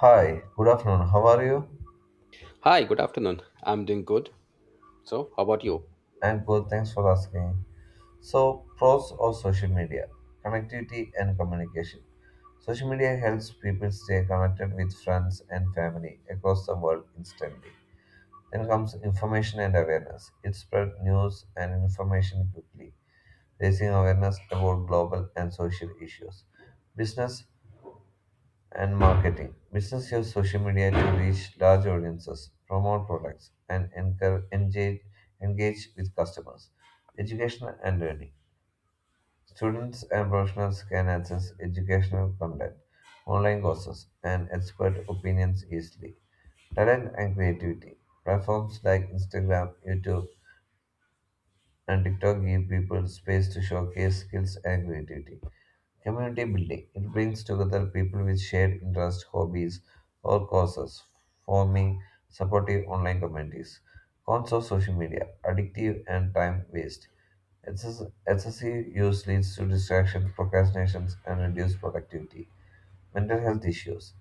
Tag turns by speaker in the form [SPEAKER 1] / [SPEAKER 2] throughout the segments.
[SPEAKER 1] Hi, good afternoon. How are you?
[SPEAKER 2] Hi, good afternoon. I'm doing good. So, how about you?
[SPEAKER 1] And good, thanks for asking. So, pros of social media, connectivity and communication. Social media helps people stay connected with friends and family across the world instantly. Then comes information and awareness. It spreads news and information quickly, raising awareness about global and social issues. Business and marketing. Business use social media to reach large audiences, promote products, and engage with customers. Education and learning. Students and professionals can access educational content, online courses, and expert opinions easily. Talent and creativity. Platforms like Instagram, YouTube, and TikTok give people space to showcase skills and creativity. Community building. It brings together people with shared interests, hobbies, or causes, forming supportive online communities. Cons of social media addictive and time waste. Excessive use leads to distraction, procrastinations, and reduced productivity. Mental health issues.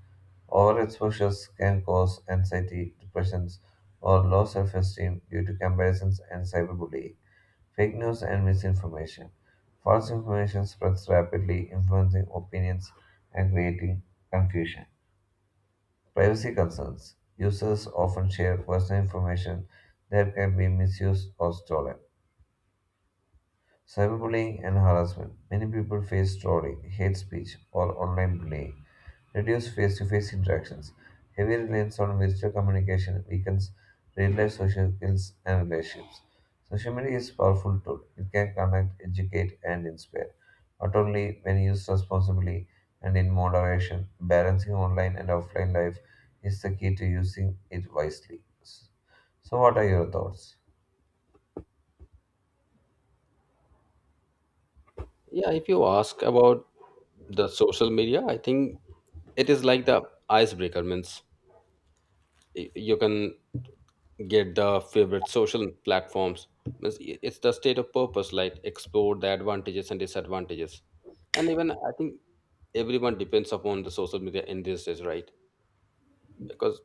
[SPEAKER 1] Overexposures can cause anxiety, depressions, or low self esteem due to comparisons and cyberbullying. Fake news and misinformation. False information spreads rapidly, influencing opinions and creating confusion. Privacy concerns. Users often share personal information that can be misused or stolen. Cyberbullying and harassment. Many people face trolling, hate speech, or online bullying. Reduce face to face interactions. Heavy reliance on virtual communication weakens real life social skills and relationships. Social media is a powerful tool. It can connect, educate, and inspire, but only when used responsibly and in moderation. Balancing online and offline life is the key to using it wisely. So, what are your thoughts?
[SPEAKER 2] Yeah, if you ask about the social media, I think it is like the icebreaker. Means you can get the favorite social platforms. Means it's the state of purpose, like explore the advantages and disadvantages. And even I think everyone depends upon the social media in these days, right? Because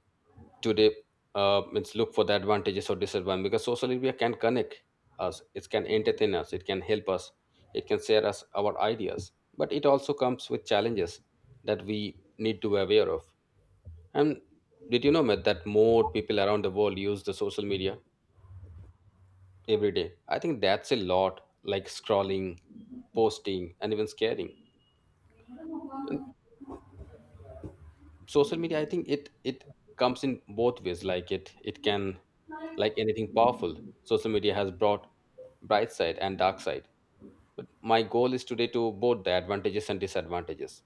[SPEAKER 2] today, means look for the advantages or disadvantages, because social media can connect us, it can entertain us, it can help us, it can share us our ideas, but it also comes with challenges that we need to be aware of. And did you know, Matt, that more people around the world use the social media every day? I think that's a lot, like scrolling, posting, and even sharing. Social media, I think it comes in both ways. Like it can, like anything powerful, social media has brought bright side and dark side. But my goal is today to both the advantages and disadvantages.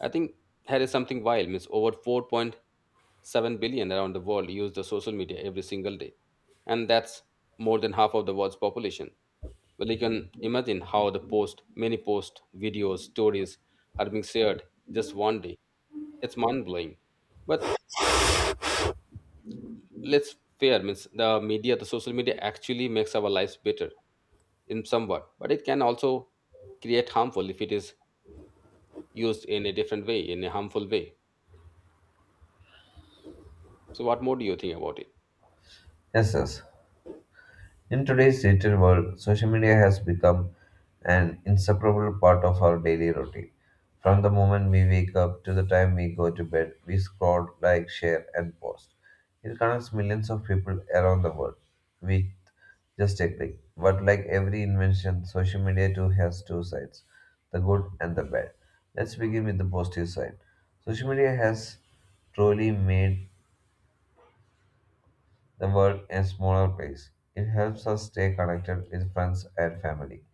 [SPEAKER 2] I think here is something wild, means over 4.7 billion around the world use the social media every single day. And that's more than half of the world's population. Well, you can imagine how the post, many posts, videos, stories are being shared just one day. It's mind blowing. But let's fair means the media, the social media actually makes our lives better in somewhat, but it can also create harmful if it is used in a different way, in a harmful way. So, what more do you think about it?
[SPEAKER 1] Yes, yes. In today's digital world, social media has become an inseparable part of our daily routine. From the moment we wake up to the time we go to bed, we scroll, like, share, and post. It connects millions of people around the world with just a click. But like every invention, social media too has two sides the good and the bad. Let's begin with the positive side. Social media has truly made the world a smaller place. It helps us stay connected with friends and family,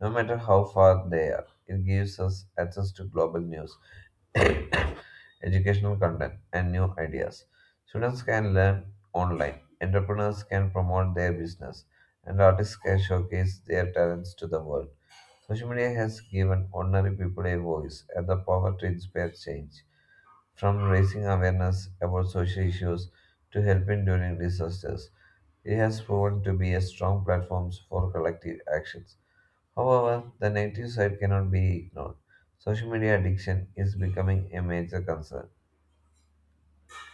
[SPEAKER 1] no matter how far they are. It gives us access to global news, educational content, and new ideas. Students can learn online, entrepreneurs can promote their business, and artists can showcase their talents to the world. Social media has given ordinary people a voice and the power to inspire change from raising awareness about social issues to helping during disasters. It has proven to be a strong platform for collective actions. However, the negative side cannot be ignored. Social media addiction is becoming a major concern.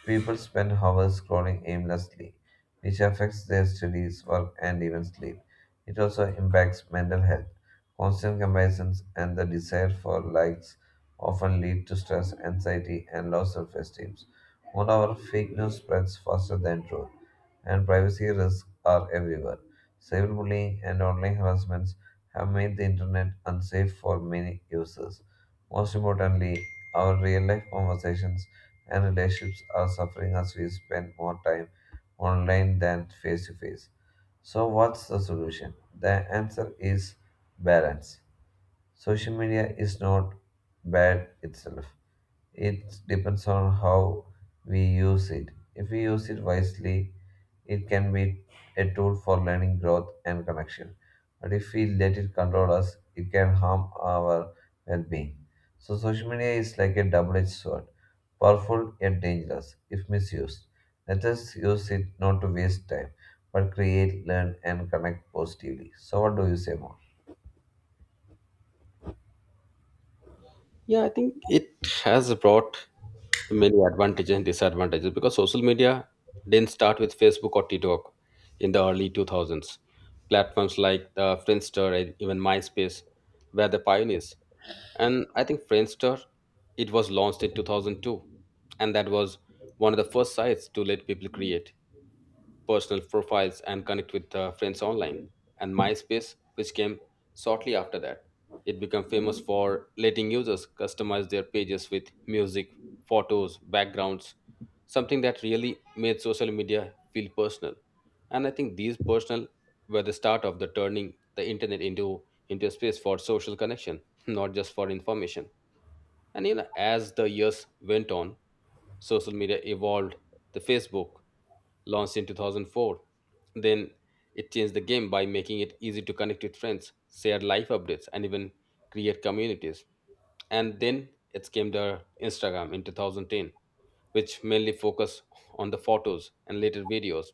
[SPEAKER 1] People spend hours scrolling aimlessly, which affects their studies, work, and even sleep. It also impacts mental health. Constant comparisons and the desire for likes often lead to stress, anxiety, and low self esteem. Moreover, fake news spreads faster than truth, and privacy risks are everywhere. Cyberbullying and online harassments have made the internet unsafe for many users. Most importantly, our real life conversations and relationships are suffering as we spend more time online than face to face. So, what's the solution? The answer is balance. Social media is not bad itself. It depends on how we use it. If we use it wisely, it can be a tool for learning, growth, and connection. But if we let it control us, it can harm our well being. So, social media is like a double edged sword, powerful yet dangerous if misused. Let us use it not to waste time, but create, learn, and connect positively. So, what do you say more?
[SPEAKER 2] Yeah, I think it has brought many advantages and disadvantages, because social media didn't start with Facebook or TikTok in the early 2000s. Platforms like the Friendster and even MySpace were the pioneers. And I think Friendster, it was launched in 2002. And that was one of the first sites to let people create personal profiles and connect with friends online. And MySpace, which came shortly after that, it became famous for letting users customize their pages with music, photos, backgrounds, something that really made social media feel personal. And I think these personal were the start of the turning the internet into a space for social connection, not just for information. And you know, as the years went on, social media evolved. The Facebook launched in 2004. Then it changed the game by making it easy to connect with friends, share life updates, and even create communities. And then it came the Instagram in 2010, which mainly focused on the photos and later videos.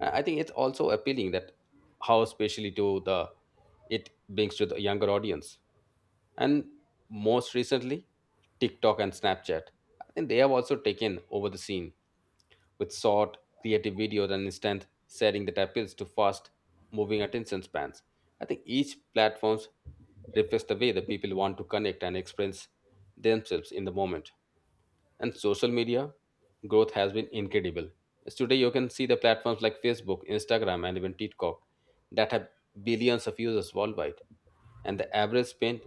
[SPEAKER 2] I think it's also appealing that how especially to the it brings to the younger audience and most recently TikTok and Snapchat. I think they have also taken over the scene with short, creative videos and instant sharing that appeals to fast moving attention spans. I think each platform reflects the way the people want to connect and experience themselves in the moment. And social media growth has been incredible. As today you can see the platforms like Facebook, Instagram, and even TikTok that have billions of users worldwide, and the average spend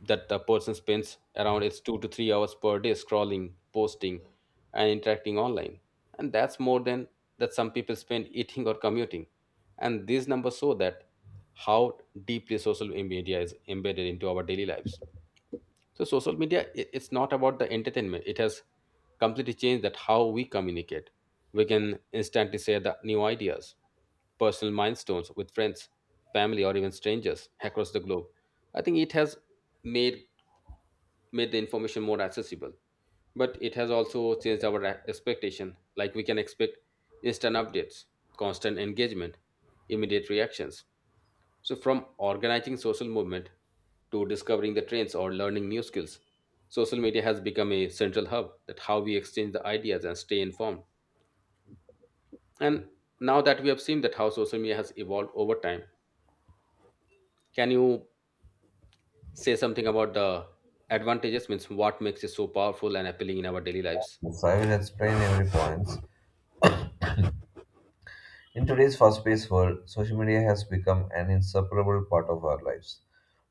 [SPEAKER 2] that the person spends around its 2 to 3 hours per day scrolling, posting, and interacting online. And that's more than that some people spend eating or commuting. And these numbers show that how deeply social media is embedded into our daily lives. So social media, it's not about the entertainment. It has completely changed that how we communicate. We can instantly share the new ideas, personal milestones with friends, family, or even strangers across the globe. I think it has made made the information more accessible, but it has also changed our expectation. Like we can expect instant updates, constant engagement, immediate reactions. So from organizing social movement to discovering the trends or learning new skills, social media has become a central hub that how we exchange the ideas and stay informed. And now that we have seen that how social media has evolved over time, can you say something about the advantages, means what makes it so powerful and appealing in our daily lives?
[SPEAKER 1] I will explain every point. In today's fast-paced world, social media has become an inseparable part of our lives.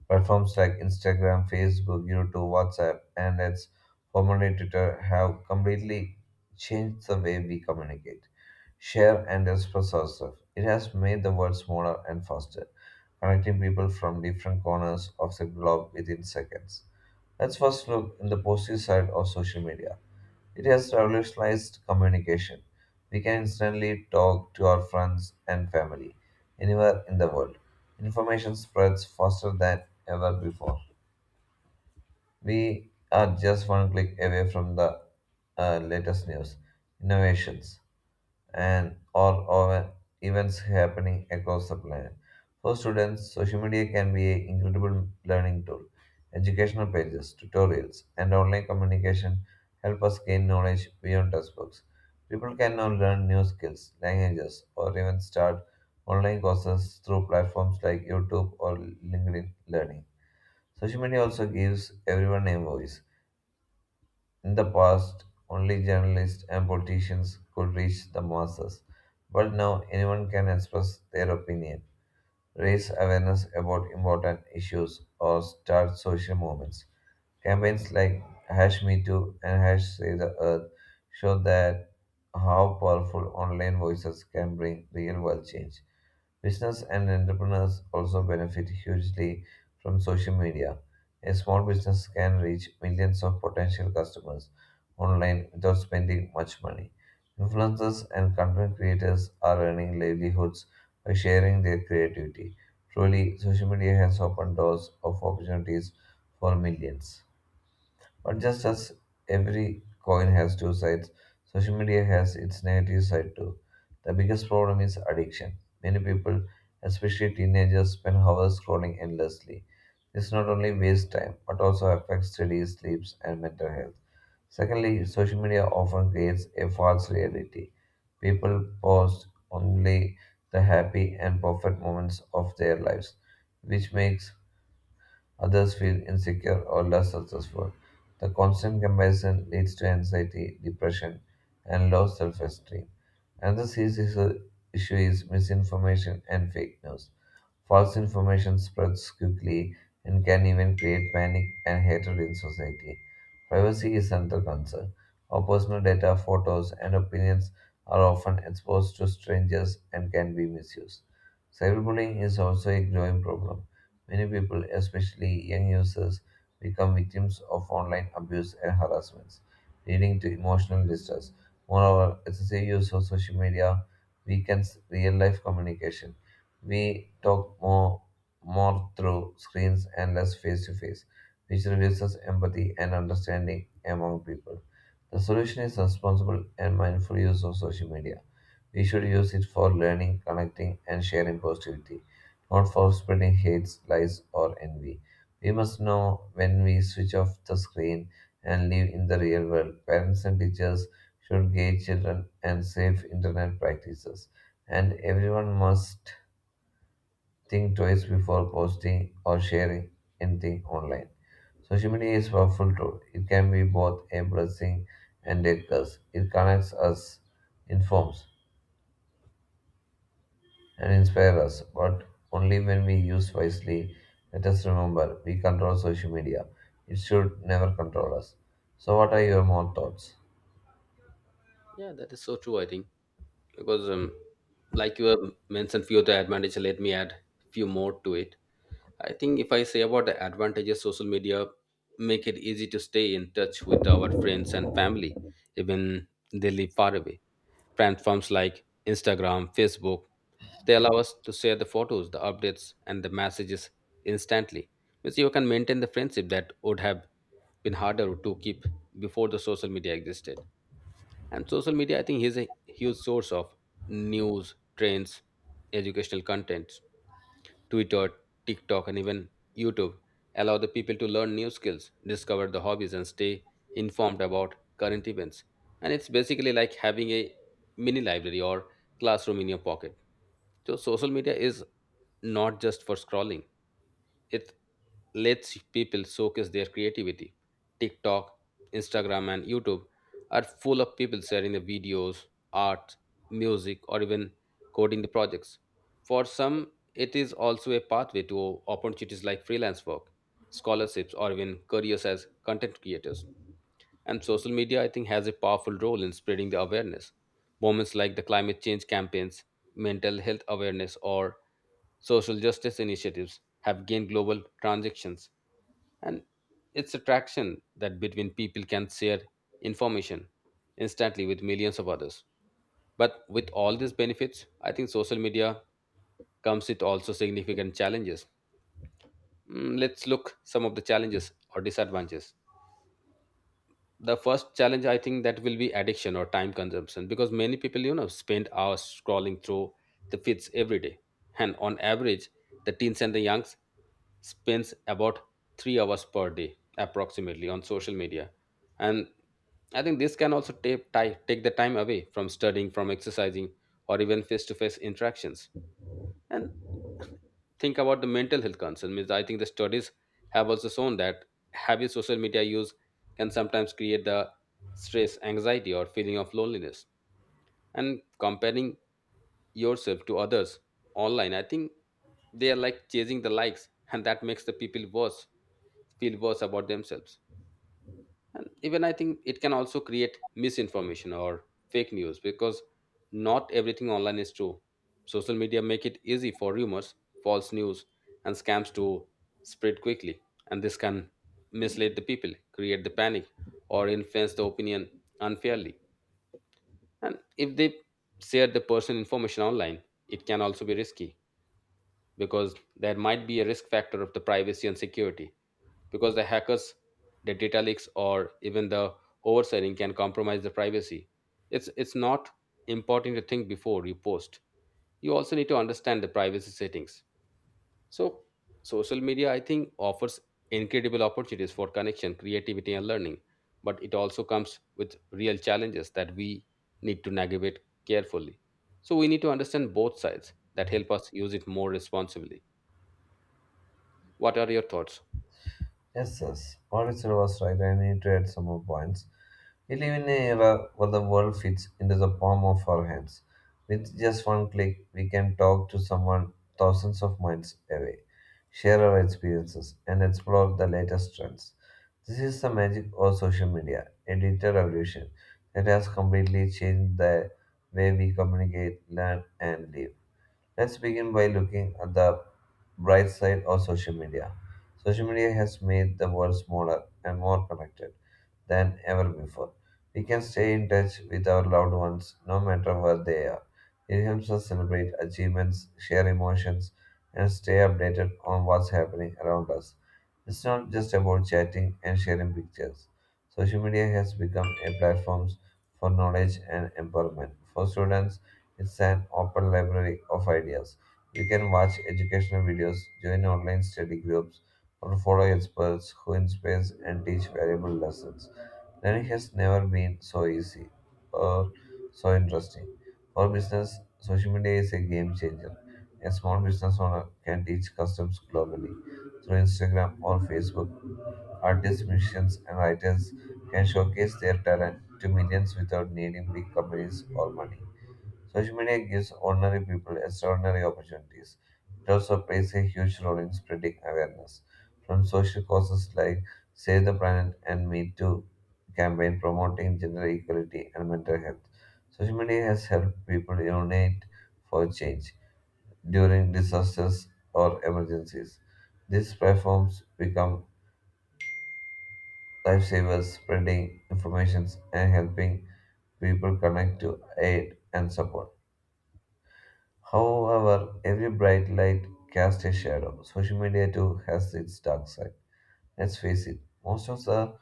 [SPEAKER 1] Platforms like Instagram, Facebook, YouTube, WhatsApp, and its formerly Twitter have completely changed the way we communicate, share, and express ourselves. It has made the world smaller and faster, connecting people from different corners of the globe within seconds. Let's first look in the positive side of social media. It has revolutionized communication. We can instantly talk to our friends and family anywhere in the world. Information spreads faster than ever before. We are just one click away from the latest news, innovations, and or events happening across the planet. For students, social media can be an incredible learning tool. Educational pages, tutorials, and online communication help us gain knowledge beyond textbooks. People can now learn new skills, languages, or even start online courses through platforms like YouTube or LinkedIn Learning. Social media also gives everyone a voice. In the past, only journalists and politicians could reach the masses, but now anyone can express their opinion, raise awareness about important issues, or start social movements. Campaigns like Hash Me Too and Hash Save the Earth show that how powerful online voices can bring real world change. Business and entrepreneurs also benefit hugely from social media. A small business can reach millions of potential customers online without spending much money. Influencers and content creators are earning livelihoods by sharing their creativity. Truly, social media has opened doors of opportunities for millions. But just as every coin has two sides, social media has its negative side too. The biggest problem is addiction. Many people, especially teenagers, spend hours scrolling endlessly. This not only wastes time but also affects study, sleeps, and mental health. Secondly, social media often creates a false reality. People post only the happy and perfect moments of their lives, which makes others feel insecure or less successful. The constant comparison leads to anxiety, depression, and low self esteem. Another serious issue is misinformation and fake news. False information spreads quickly and can even create panic and hatred in society. Privacy is another concern. Our personal data, photos, and opinions are often exposed to strangers and can be misused. Cyberbullying is also a growing problem. Many people, especially young users, become victims of online abuse and harassments, leading to emotional distress. Moreover, excessive use of social media weakens real life communication. We talk more through screens and less face to face, which reduces empathy and understanding among people. The solution is responsible and mindful use of social media. We should use it for learning, connecting, and sharing positivity not for spreading hates, lies, or envy. We must know when we switch off the screen and live in the real world. Parents and teachers should guide children and safe internet practices. And everyone must think twice before posting or sharing anything online. Social media is a powerful tool. It can be both a blessing and a curse. It connects us, informs, and inspire us, but only when we use wisely. Let us remember, we control social media. It should never control us. So, what are your more thoughts?
[SPEAKER 2] Yeah, that is so true. I think because, like you have mentioned, few of the advantages. Let me add few more to it. I think if I say about the advantages, social media make it easy to stay in touch with our friends and family, even they live far away. Platforms like Instagram, Facebook, they allow us to share the photos, the updates, and the messages instantly. Means you can maintain the friendship that would have been harder to keep before the social media existed. And social media, I think, is a huge source of news, trends, educational contents. Twitter, TikTok, and even YouTube allow the people to learn new skills, discover the hobbies, and stay informed about current events. And it's basically like having a mini library or classroom in your pocket. So, social media is not just for scrolling, it lets people showcase their creativity. TikTok, Instagram, and YouTube are full of people sharing the videos, art, music, or even coding the projects. For some, it is also a pathway to opportunities like freelance work, scholarships, or even careers as content creators. And social media, I think, has a powerful role in spreading the awareness. Moments like the climate change campaigns, mental health awareness, or social justice initiatives have gained global transactions. And it's attraction that between people can share information instantly with millions of others. But with all these benefits, I think social media comes with also significant challenges. Let's look some of the challenges or disadvantages. The first challenge, I think, that will be addiction or time consumption, because many people, you know, spend hours scrolling through the feeds every day. And on average, the teens and the youngs spends about 3 hours per day approximately on social media. And I think this can also take the time away from studying, from exercising, or even face to face interactions. And think about the mental health concern, means I think the studies have also shown that heavy social media use can sometimes create the stress, anxiety, or feeling of loneliness. And comparing yourself to others online, I think they are like chasing the likes, and that makes the people worse feel worse about themselves. And even I think it can also create misinformation or fake news, because not everything online is true. Social media make it easy for rumors, false news, and scams to spread quickly, and this can mislead the people, create the panic, or influence the opinion unfairly. And if they share the personal information online, it can also be risky, because there might be a risk factor of the privacy and security, because the hackers, the data leaks, or even the overselling can compromise the privacy. It's not important to think before you post, you also need to understand the privacy settings. So social media, I think, offers incredible opportunities for connection, creativity, and learning, but it also comes with real challenges that we need to navigate carefully. So we need to understand both sides that help us use it more responsibly. What are your thoughts?
[SPEAKER 1] Yes, yes. Mauricio was right, and he tried some more points. We live in an era where the world fits into the palm of our hands. With just one click, we can talk to someone thousands of miles away, share our experiences, and explore the latest trends. This is the magic of social media, a digital revolution that has completely changed the way we communicate, learn, and live. Let's begin by looking at the bright side of social media. Social media has made the world smaller and more connected than ever before. We can stay in touch with our loved ones no matter where they are. It helps us celebrate achievements, share emotions, and stay updated on what's happening around us. It's not just about chatting and sharing pictures. Social media has become a platform for knowledge and empowerment for students it's an open library of ideas. You can watch educational videos, join online study groups, or follow experts who inspire and teach valuable lessons. Learning has never been so easy or so interesting. For business, social media is a game changer. A small business owner can teach customs globally through Instagram or Facebook. Artists, musicians, and writers can showcase their talent to millions without needing big companies or money. Social media gives ordinary people extraordinary opportunities. It also plays a huge role in spreading awareness. From social causes like Save the Planet and Me Too campaign promoting gender equality and mental health. Social media has helped people unite for change during disasters or emergencies. These platforms become lifesavers, spreading information and helping people connect to aid and support. However, every bright light casts a shadow. Social media too has its dark side. Let's face it, most of the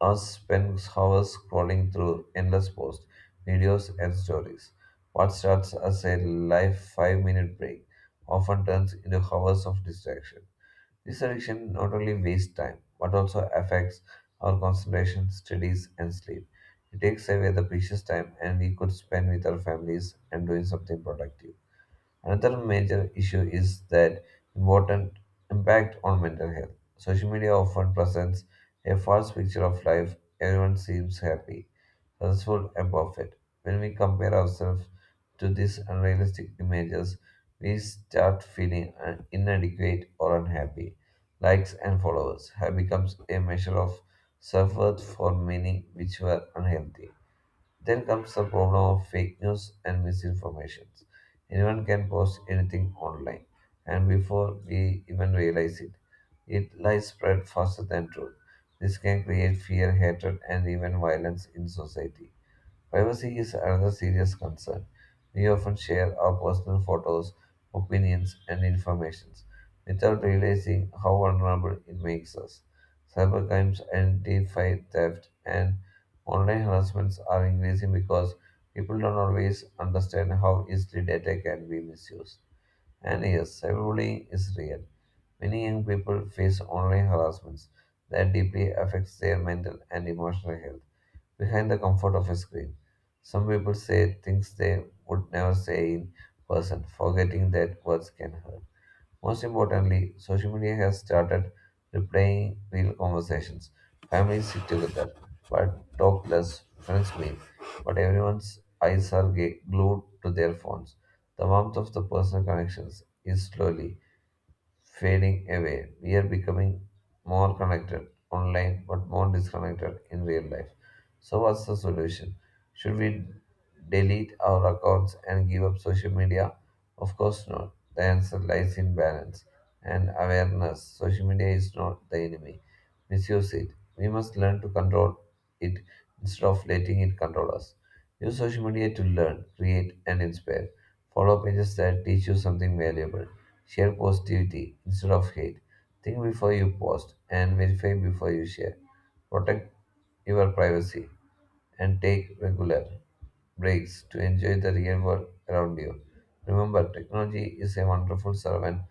[SPEAKER 1] us spend hours scrolling through endless posts, videos, and stories. What starts as a live 5-minute break often turns into hours of distraction. This addiction not only wastes time but also affects our concentration, studies, and sleep. It takes away the precious time and we could spend with our families and doing something productive. Another major issue is that important impact on mental health. Social media often presents a false picture of life. Everyone seems happy, successful, and perfect. When we compare ourselves to these unrealistic images, we start feeling inadequate or unhappy. Likes and followers have become a measure of self worth for many, which were unhealthy. Then comes the problem of fake news and misinformation. Anyone can post anything online, and before we even realize it, it lies spread faster than truth. This can create fear, hatred, and even violence in society. Privacy is another serious concern. We often share our personal photos, opinions, and information without realizing how vulnerable it makes us. Cybercrimes, identify theft, and online harassments are increasing because people don't always understand how easily data can be misused. And yes, cyberbullying is real. Many young people face online harassments that deeply affects their mental and emotional health behind the comfort of a screen. Some people say things they would never say in person, forgetting that words can hurt. Most importantly, social media has started replaying real conversations. Families sit together, but talk less, friends meet, but everyone's eyes are glued to their phones. The warmth of the personal connections is slowly fading away. We are becoming more connected online, but more disconnected in real life. So, what's the solution? Should we delete our accounts and give up social media? Of course not. The answer lies in balance and awareness. Social media is not the enemy. Misuse it. We must learn to control it instead of letting it control us. Use social media to learn, create, and inspire. Follow pages that teach you something valuable. Share positivity instead of hate. Think before you post and verify before you share. Protect your privacy, and take regular breaks to enjoy the real world around you. Remember, technology is a wonderful servant,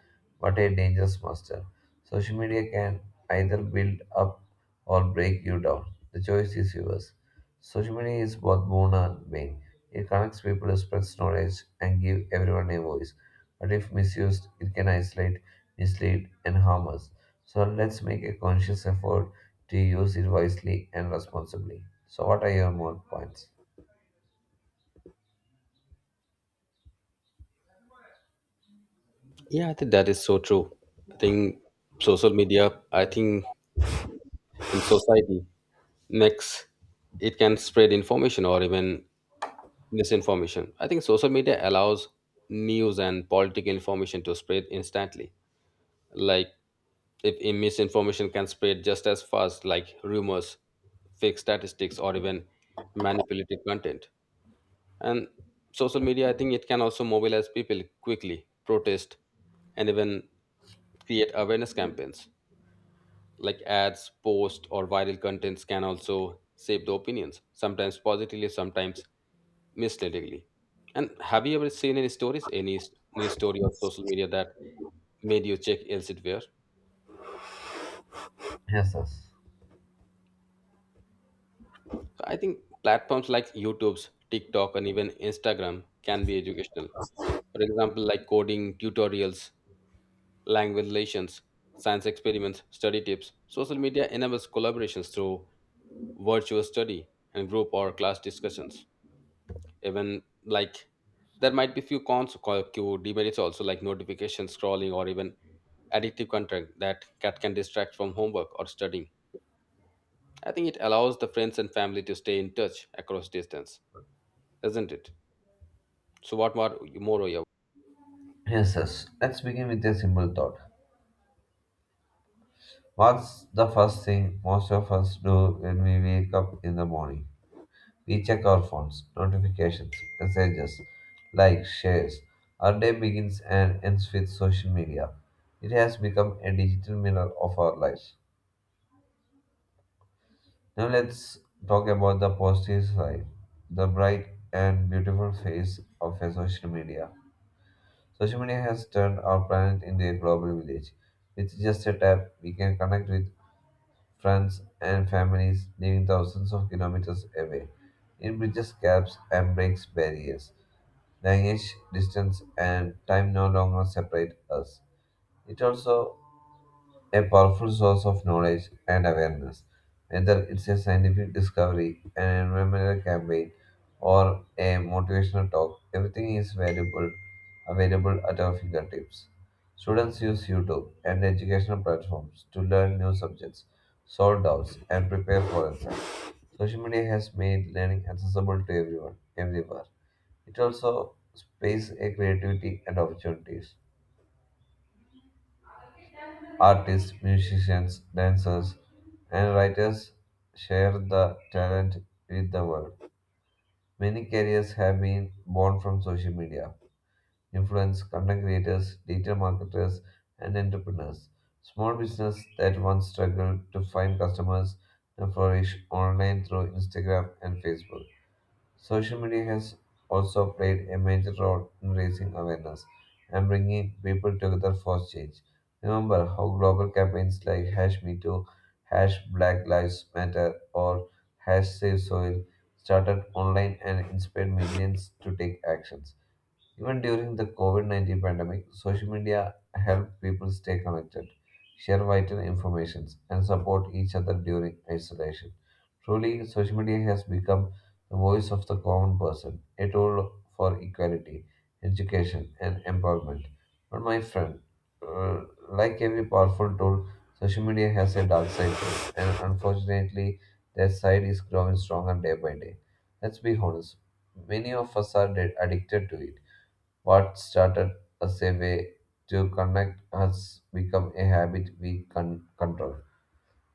[SPEAKER 1] but a dangerous master. Social media can either build up or break you down. The choice is yours. Social media is both boon and bane. It connects people, spreads knowledge, and give everyone a voice. But if misused, it can isolate, mislead, and harm us. So let's make a conscious effort to use it wisely and responsibly. So, what are your more points?
[SPEAKER 2] Yeah, I think that is so true. I think social media, I think in society makes it can spread information or even misinformation. I think social media allows news and political information to spread instantly. Like if a misinformation can spread just as fast, like rumors, fake statistics, or even manipulated content. And social media, I think, it can also mobilize people quickly, protest and even create awareness campaigns, like ads posts or viral contents can also shape the opinions, sometimes positively, sometimes misleadingly. And have you ever seen any stories, news story on social media that made you check elsewhere? So
[SPEAKER 1] Yes, yes.
[SPEAKER 2] I think platforms like YouTube's, TikTok, and even Instagram can be educational, for example, like coding tutorials, language relations, science experiments, study tips. Social media enables collaborations through virtual study and group or class discussions. Even like there might be few cons, demerits also, like notification scrolling or even addictive content that cat can distract from homework or studying. I think it allows the friends and family to stay in touch across distance, isn't it? So what more are you?
[SPEAKER 1] Yes, yes. Let's begin with a simple thought. What's the first thing most of us do when we wake up in the morning? We check our phones, notifications, messages, likes, shares. Our day begins and ends with social media. It has become a digital mirror of our lives. Now let's talk about the positive side, the bright and beautiful face of a social media. Social media has turned our planet into a global village. With just a tap, we can connect with friends, and families living thousands of kilometers away. It bridges gaps and breaks barriers. Language, distance, and time no longer separate us. It also a powerful source of knowledge and awareness. Whether it's a scientific discovery, an environmental campaign, or a motivational talk, everything is valuable, available at our fingertips. Students use YouTube and educational platforms to learn new subjects, solve doubts, and prepare for exams. Social media has made learning accessible to everyone, everywhere. It also spaces a creativity and opportunities. Artists, musicians, dancers, and writers share the talent with the world. Many careers have been born from social media. Influence, content creators, digital marketers, and entrepreneurs. Small business that once struggled to find customers now flourish online through Instagram and Facebook. Social media has also played a major role in raising awareness and bringing people together for change. Remember how global campaigns like hash me too, hash black lives matter, or hash save soil started online and inspired millions to take actions. Even during the COVID -19 pandemic, social media helped people stay connected, share vital information, and support each other during isolation. Truly, social media has become the voice of the common person, a tool for equality, education, and empowerment. But, my friend, uh, like every powerful tool, social media has a dark side too, and unfortunately, that side is growing stronger day by day. Let's be honest, many of us are dead, addicted to it. What started as a way to connect has become a habit we can control.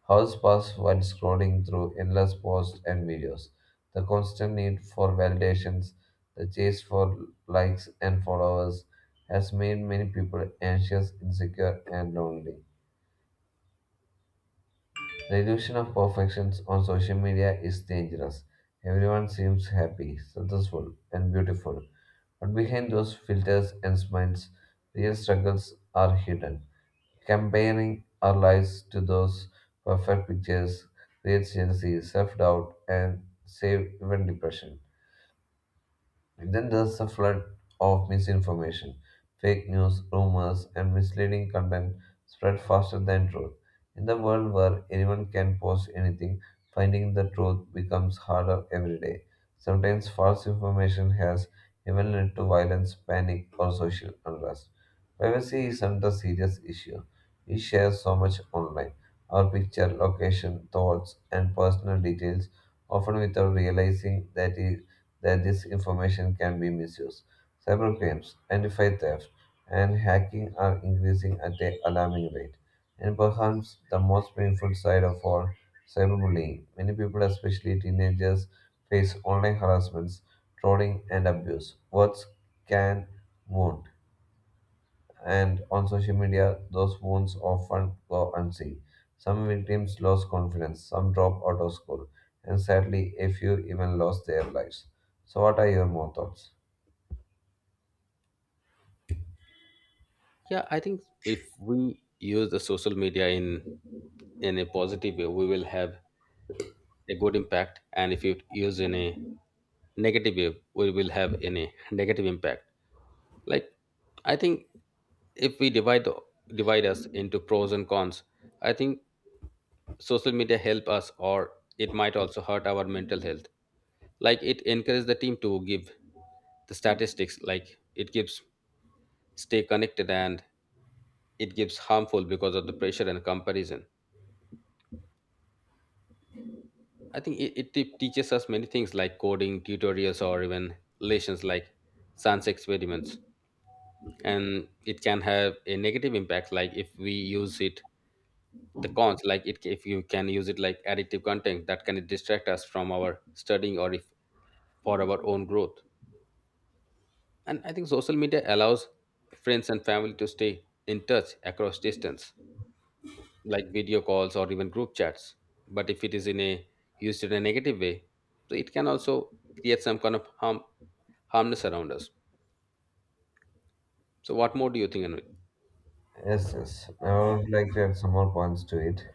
[SPEAKER 1] Hours pass while scrolling through endless posts and videos. The constant need for validations, the chase for likes and followers, has made many people anxious, insecure, and lonely. The illusion of perfection on social media is dangerous. Everyone seems happy, successful, and beautiful. But behind those filters and smiles, real struggles are hidden. Comparing our lives to those perfect pictures creates jealousy, self doubt, and save even depression. Then there's a flood of misinformation, fake news, rumors, and misleading content spread faster than truth. In the world where anyone can post anything, finding the truth becomes harder every day. Sometimes false information has even led to violence, panic, or social unrest. Privacy is another serious issue. We share so much online our picture, location, thoughts, and personal details often without realizing that this information can be misused. Cybercrimes, identified theft, and hacking are increasing at an alarming rate. And perhaps the most painful side of all, cyberbullying. Many people, especially teenagers, face online harassments, trolling, and abuse. Words can wound, and on social media, those wounds often go unseen. Some victims lost confidence, some dropped out of school, and sadly, a few even lost their lives. So, what are your more thoughts?
[SPEAKER 2] Yeah, I think if we use the social media in a positive way, we will have a good impact, and if you use in a negative way we will have in a negative impact. Like I think if we divide us into pros and cons, I think social media help us or it might also hurt our mental health. Like it encourages the team to give the statistics, like it gives stay connected, and it gives harmful because of the pressure and comparison. I think teaches us many things, like coding tutorials or even relations, like science experiments. And it can have a negative impact, like if we use it the cons, like it if you can use it like addictive content that can distract us from our studying or if for our own growth. And I think social media allows friends and family to stay in touch across distance, like video calls or even group chats. But if it is in a used in a negative way, so it can also create some kind of harm, harmness around us. So what more do you think, Anvi?
[SPEAKER 1] Yes, yes. I would like to add some more points to it.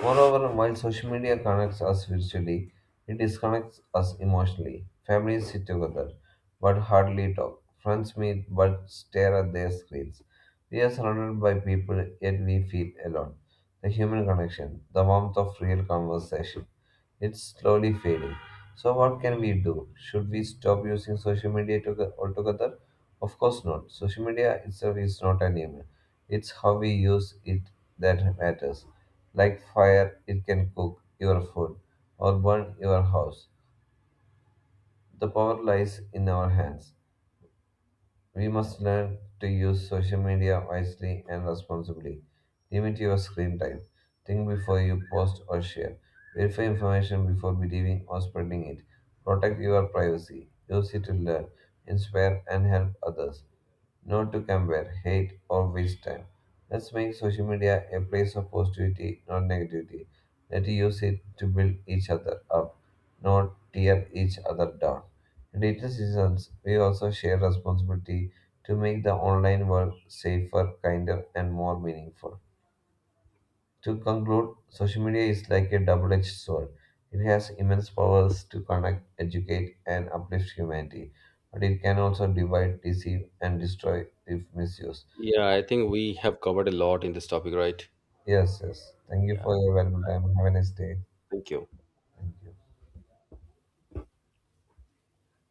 [SPEAKER 1] Moreover, while social media connects us virtually, it disconnects us emotionally. Families sit together but hardly talk. Friends meet but stare at their screens. We are surrounded by people yet we feel alone. The human connection, the warmth of real conversation, it's slowly fading. So, what can we do? Should we stop using social media altogether? Of course not. Social media itself is not an evil. It's how we use it that matters. Like fire, it can cook your food or burn your house. The power lies in our hands. We must learn to use social media wisely and responsibly. Limit your screen time. Think before you post or share. Verify information before believing or spreading it. Protect your privacy. Use it to learn, inspire, and help others not to compare, hate, or waste time. Let's make social media a place of positivity, not negativity. Let's use it to build each other up, not tear each other down. In digital seasons, we also share responsibility to make the online world safer, kinder, and more meaningful. To conclude, social media is like a double edged sword. It has immense powers to connect, educate, and uplift humanity, but it can also divide, deceive, and destroy if misused.
[SPEAKER 2] Yeah, I think we have covered a lot in this topic, right?
[SPEAKER 1] Yes, yes. Thank you
[SPEAKER 2] Yeah.
[SPEAKER 1] for your valuable time. Have a nice day.
[SPEAKER 2] Thank you.
[SPEAKER 1] Thank you.